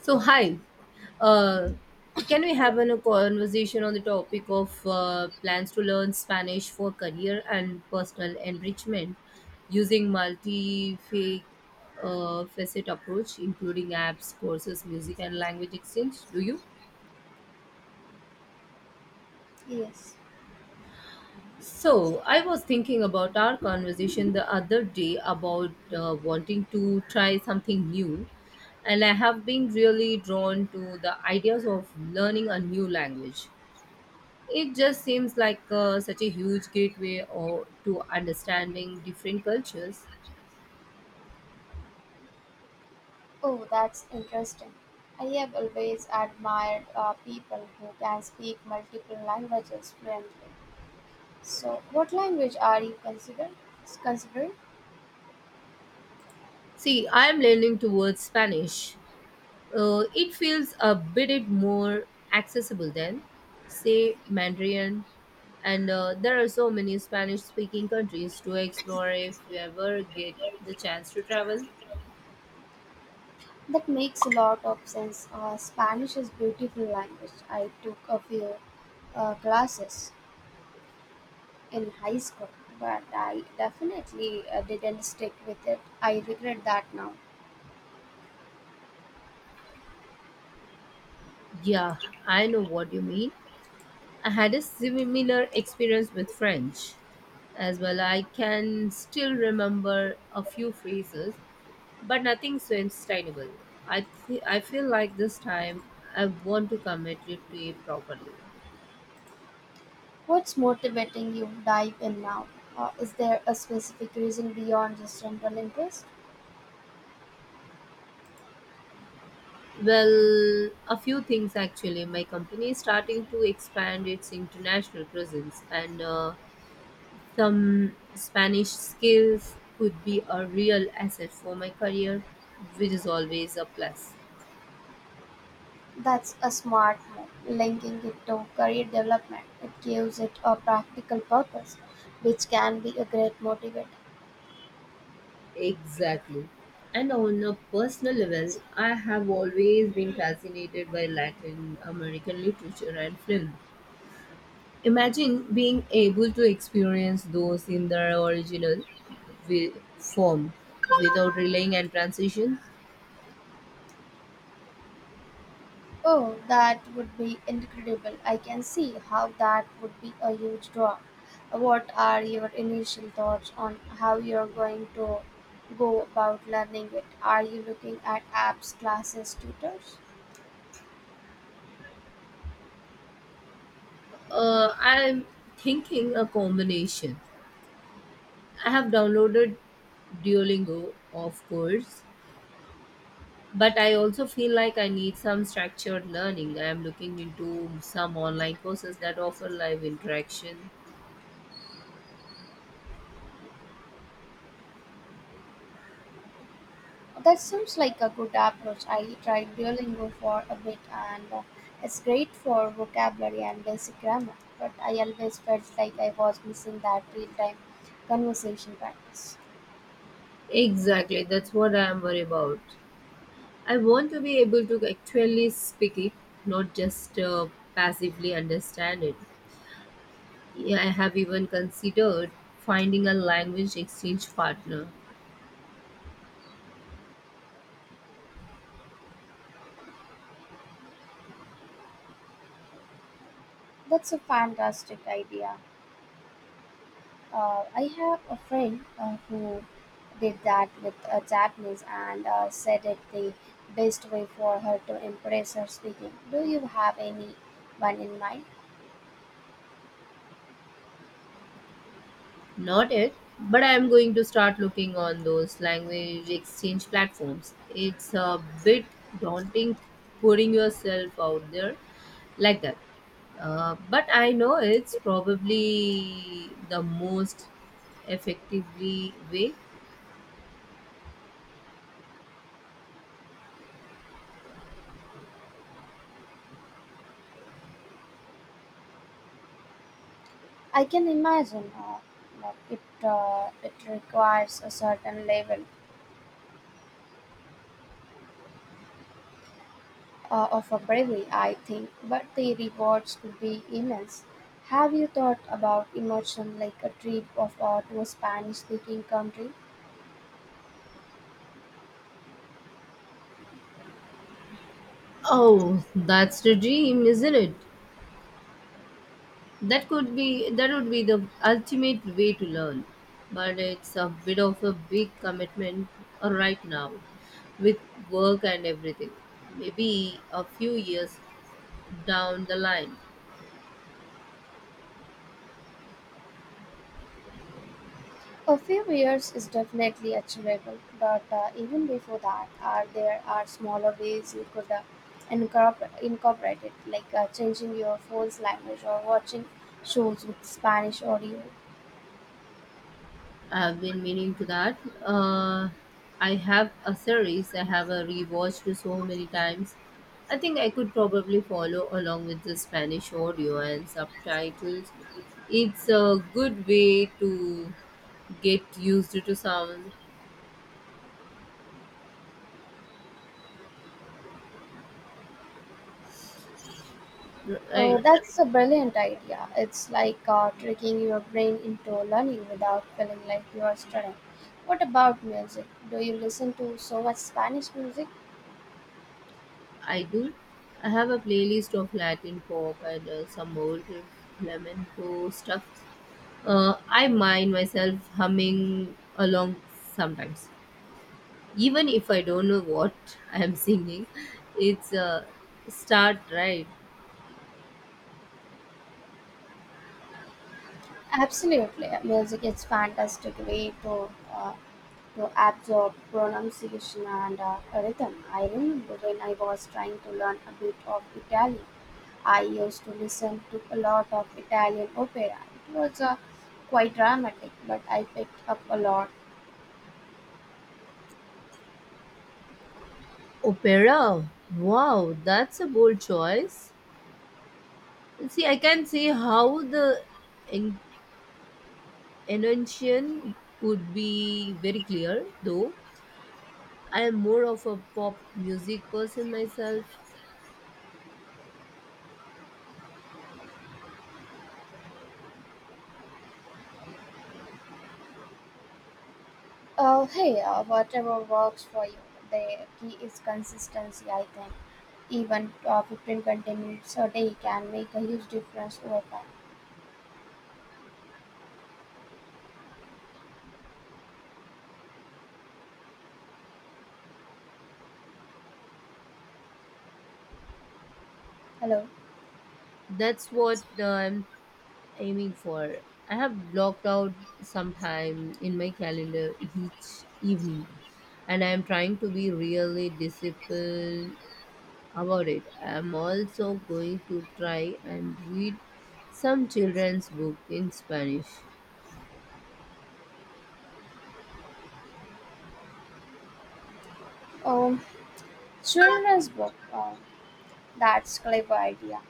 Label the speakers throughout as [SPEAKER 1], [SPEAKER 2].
[SPEAKER 1] So hi, uh, can we have a conversation on the topic of plans to learn Spanish for career and personal enrichment using multi facet approach, including apps, courses, music, and language exchange? Do you?
[SPEAKER 2] Yes.
[SPEAKER 1] So I was thinking about our conversation the other day about wanting to try something new, and I have been really drawn to the ideas of learning a new language. It just seems like such a huge gateway or to understanding different cultures.
[SPEAKER 2] Oh, that's interesting. I have always admired people who can speak multiple languages fluently. So, what language are you considered? Considering
[SPEAKER 1] See, I am leaning towards Spanish. It feels a bit more accessible than, say, Mandarin. And there are so many Spanish speaking countries to explore if we ever get the chance to travel.
[SPEAKER 2] That makes a lot of sense. Spanish is beautiful language. I took a few classes in high school, but I definitely didn't stick with it. I regret that now.
[SPEAKER 1] Yeah, I know what you mean. I had a similar experience with French as well. I can still remember a few phrases, but nothing so sustainable. I feel like this time I want to commit it to it properly.
[SPEAKER 2] What's motivating you dive in now? Is there a specific reason beyond just general interest?
[SPEAKER 1] Well, a few things actually. My company is starting to expand its international presence, and some Spanish skills could be a real asset for my career, which is always a plus.
[SPEAKER 2] That's a smart move, linking it to career development. It gives it a practical purpose, which can be a great motivator.
[SPEAKER 1] Exactly. And on a personal level, I have always been fascinated by Latin American literature and film. Imagine being able to experience those in their original form without relaying and transitions.
[SPEAKER 2] Oh, that would be incredible. I can see how that would be a huge draw. What are your initial thoughts on how you're going to go about learning it? Are you looking at apps, classes, tutors?
[SPEAKER 1] I'm thinking a combination. I have downloaded Duolingo, of course, but I also feel like I need some structured learning. I am looking into some online courses that offer live interaction.
[SPEAKER 2] That seems like a good approach. I tried Duolingo for a bit and it's great for vocabulary and basic grammar, but I always felt like I was missing that real time conversation practice.
[SPEAKER 1] Exactly, that's what I am worried about. I want to be able to actually speak it, not just passively understand it. Yeah, I have even considered finding a language exchange partner.
[SPEAKER 2] That's a fantastic idea. I have a friend who did that with Japanese and said it the best way for her to impress her speaking. Do you have anyone in mind?
[SPEAKER 1] Not yet, but I am going to start looking on those language exchange platforms. It's a bit daunting putting yourself out there like that. But I know it's probably the most effectively way.
[SPEAKER 2] I can imagine that it requires a certain level of a bravery, I think, but the rewards could be immense. Have you thought about immersion like a trip of to a Spanish-speaking country?
[SPEAKER 1] Oh, that's the dream, isn't it? That could be, that would be the ultimate way to learn, but it's a bit of a big commitment right now with work and everything. Maybe a few years down the line.
[SPEAKER 2] A few years is definitely achievable, but even before that, are there are smaller ways you could incorporate it, like changing your phone's language or watching shows with Spanish audio?
[SPEAKER 1] I've been meaning to that. uh, I have a series I have a rewatched so many times. I think I could probably follow along with the Spanish audio and subtitles. It's a good way to get used to sound.
[SPEAKER 2] Oh,
[SPEAKER 1] Right,
[SPEAKER 2] that's a brilliant idea. It's like tricking your brain into learning without feeling like you are studying. What about music? Do you listen to so much Spanish music?
[SPEAKER 1] I do. I have a playlist of Latin pop and some old flamenco stuff. I mind myself humming along sometimes, even if I don't know what I am singing. It's a start, right?
[SPEAKER 2] Absolutely. Music is fantastic way to absorb pronunciation and rhythm. I remember when I was trying to learn a bit of Italian, I used to listen to a lot of Italian opera. It was quite dramatic, but I picked up a lot.
[SPEAKER 1] Opera. Wow, that's a bold choice. See, I can see how the en- enunciation would be very clear, though. I am more of a pop music person myself.
[SPEAKER 2] Hey, whatever works for you. The key is consistency, I think. Even 15 20 minutes a day can make a huge difference over time. Hello.
[SPEAKER 1] That's what I'm aiming for. I have blocked out some time in my calendar each evening, and I am trying to be really disciplined about it. I am also going to try and read some children's book in Spanish.
[SPEAKER 2] Um, Children's book. That's clever idea.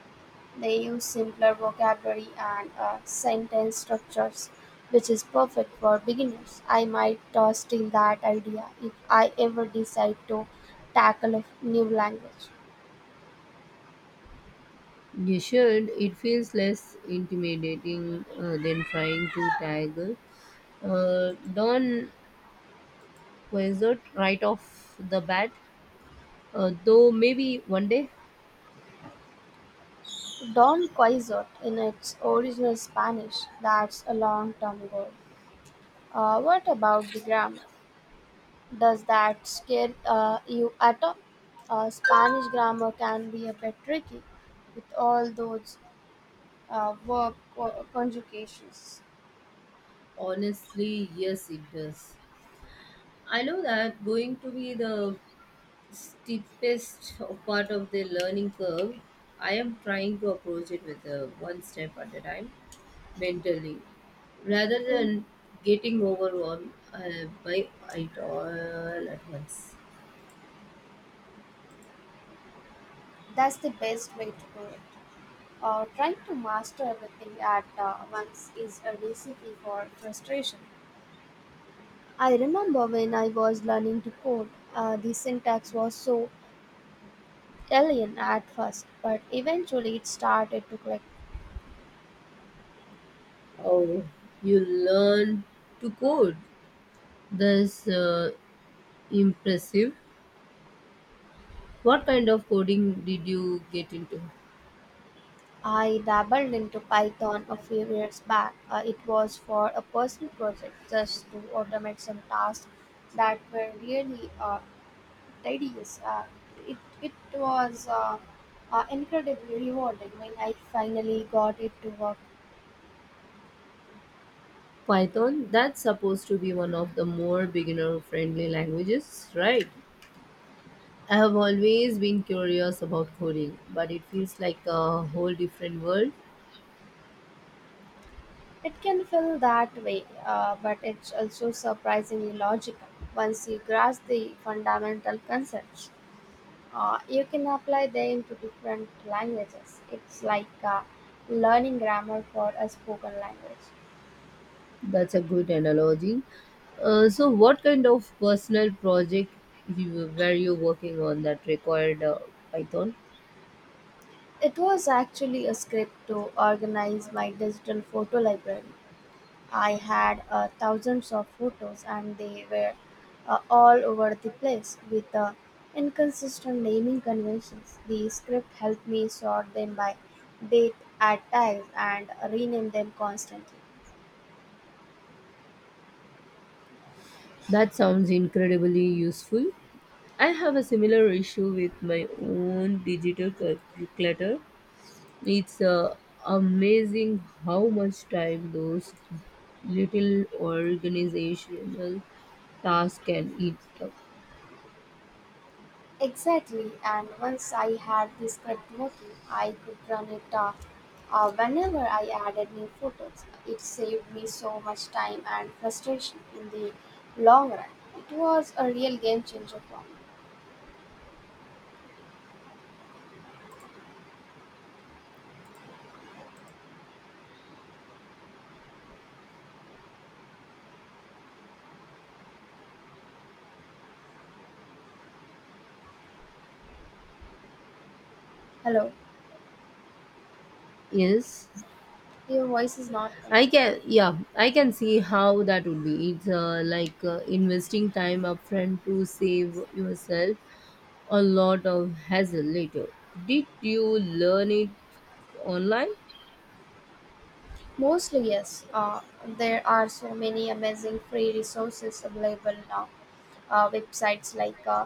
[SPEAKER 2] They use simpler vocabulary and sentence structures, which is perfect for beginners. I might steal that idea if I ever decide to tackle a new language.
[SPEAKER 1] You should. It feels less intimidating than trying to tackle Don wizard right off the bat, though maybe one day.
[SPEAKER 2] Don Quixote in its original Spanish, that's a long time ago. What about the grammar? Does that scare you at all? Spanish grammar can be a bit tricky with all those verb conjugations.
[SPEAKER 1] Honestly, yes, it does. I know that going to be the steepest part of the learning curve. I am trying to approach it with a one step at a time mentally rather
[SPEAKER 2] Mm.
[SPEAKER 1] than getting overwhelmed by it all at once.
[SPEAKER 2] That's the best way to do it. Trying to master everything at once is a recipe for frustration. I remember when I was learning to code, the syntax was so alien at first, but eventually it started to click.
[SPEAKER 1] Oh, you learn to code. That's impressive. What kind of coding did you get into?
[SPEAKER 2] I dabbled into Python a few years back. It was for a personal project just to automate some tasks that were really tedious. It was incredibly rewarding when I finally got it to work.
[SPEAKER 1] Python? That's supposed to be one of the more beginner friendly languages, right? I have always been curious about coding, but it feels like a whole different world.
[SPEAKER 2] It can feel that way, but it's also surprisingly logical once you grasp the fundamental concepts. You can apply them to different languages. It's like learning grammar for a spoken language.
[SPEAKER 1] That's a good analogy. So, what kind of personal project were you working on that required Python?
[SPEAKER 2] It was actually a script to organize my digital photo library. I had thousands of photos and they were all over the place with inconsistent naming conventions. The script helped me sort them by date at tags and rename them constantly.
[SPEAKER 1] That sounds incredibly useful. I have a similar issue with my own digital clutter. It's amazing how much time those little organizational tasks can eat up.
[SPEAKER 2] Exactly, and once I had the script working, I could run it whenever I added new photos. It saved me so much time and frustration in the long run. It was a real game changer for me. Hello,
[SPEAKER 1] Yes,
[SPEAKER 2] your voice is not coming.
[SPEAKER 1] I can. Yeah, I can see how that would be. It's like investing time upfront to save yourself a lot of hassle later. Did you learn it online?
[SPEAKER 2] Mostly, yes. There are so many amazing free resources available now. Websites like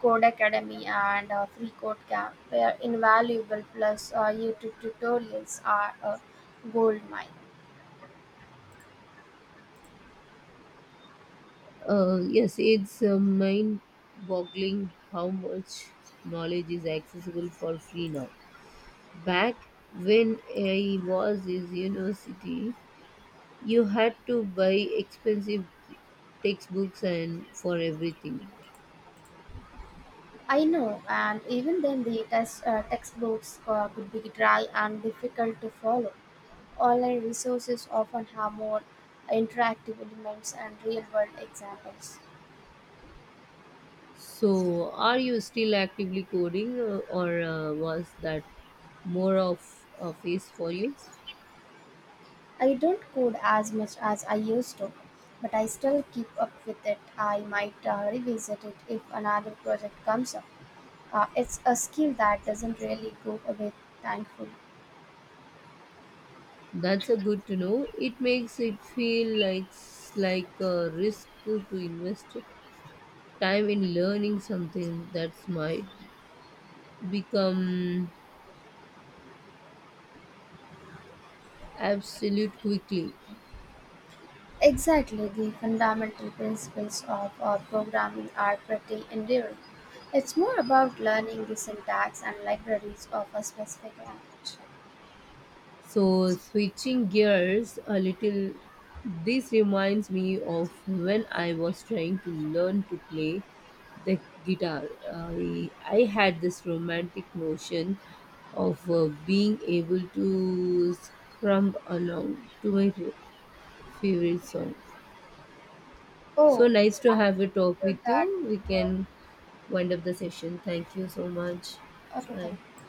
[SPEAKER 2] Code Academy and Free code Camp were invaluable, plus YouTube tutorials are a gold mine.
[SPEAKER 1] Yes, it's mind boggling how much knowledge is accessible for free now. Back when I was in university, you had to buy expensive textbooks and for everything.
[SPEAKER 2] I know, and even then, the textbooks could be dry and difficult to follow. Online resources often have more interactive elements and real world examples.
[SPEAKER 1] So, are you still actively coding, or was that more of a phase for you?
[SPEAKER 2] I don't code as much as I used to, but I still keep up with it. I might revisit it if another project comes up. It's a skill that doesn't really go away, thankfully.
[SPEAKER 1] That's a good to know. It makes it feel like like a risk to invest time in learning something that might become absolute quickly.
[SPEAKER 2] Exactly, the fundamental principles of programming are pretty enduring. It's more about learning the syntax and libraries of a specific language.
[SPEAKER 1] So, switching gears a little, this reminds me of when I was trying to learn to play the guitar. I had this romantic notion of being able to strum along to my favorite song. So
[SPEAKER 2] Oh,
[SPEAKER 1] nice to
[SPEAKER 2] how
[SPEAKER 1] have a talk
[SPEAKER 2] would
[SPEAKER 1] with
[SPEAKER 2] that
[SPEAKER 1] you. We
[SPEAKER 2] go?
[SPEAKER 1] can wind up the session. Thank you so much.
[SPEAKER 2] Okay, thank
[SPEAKER 1] Bye.
[SPEAKER 2] you.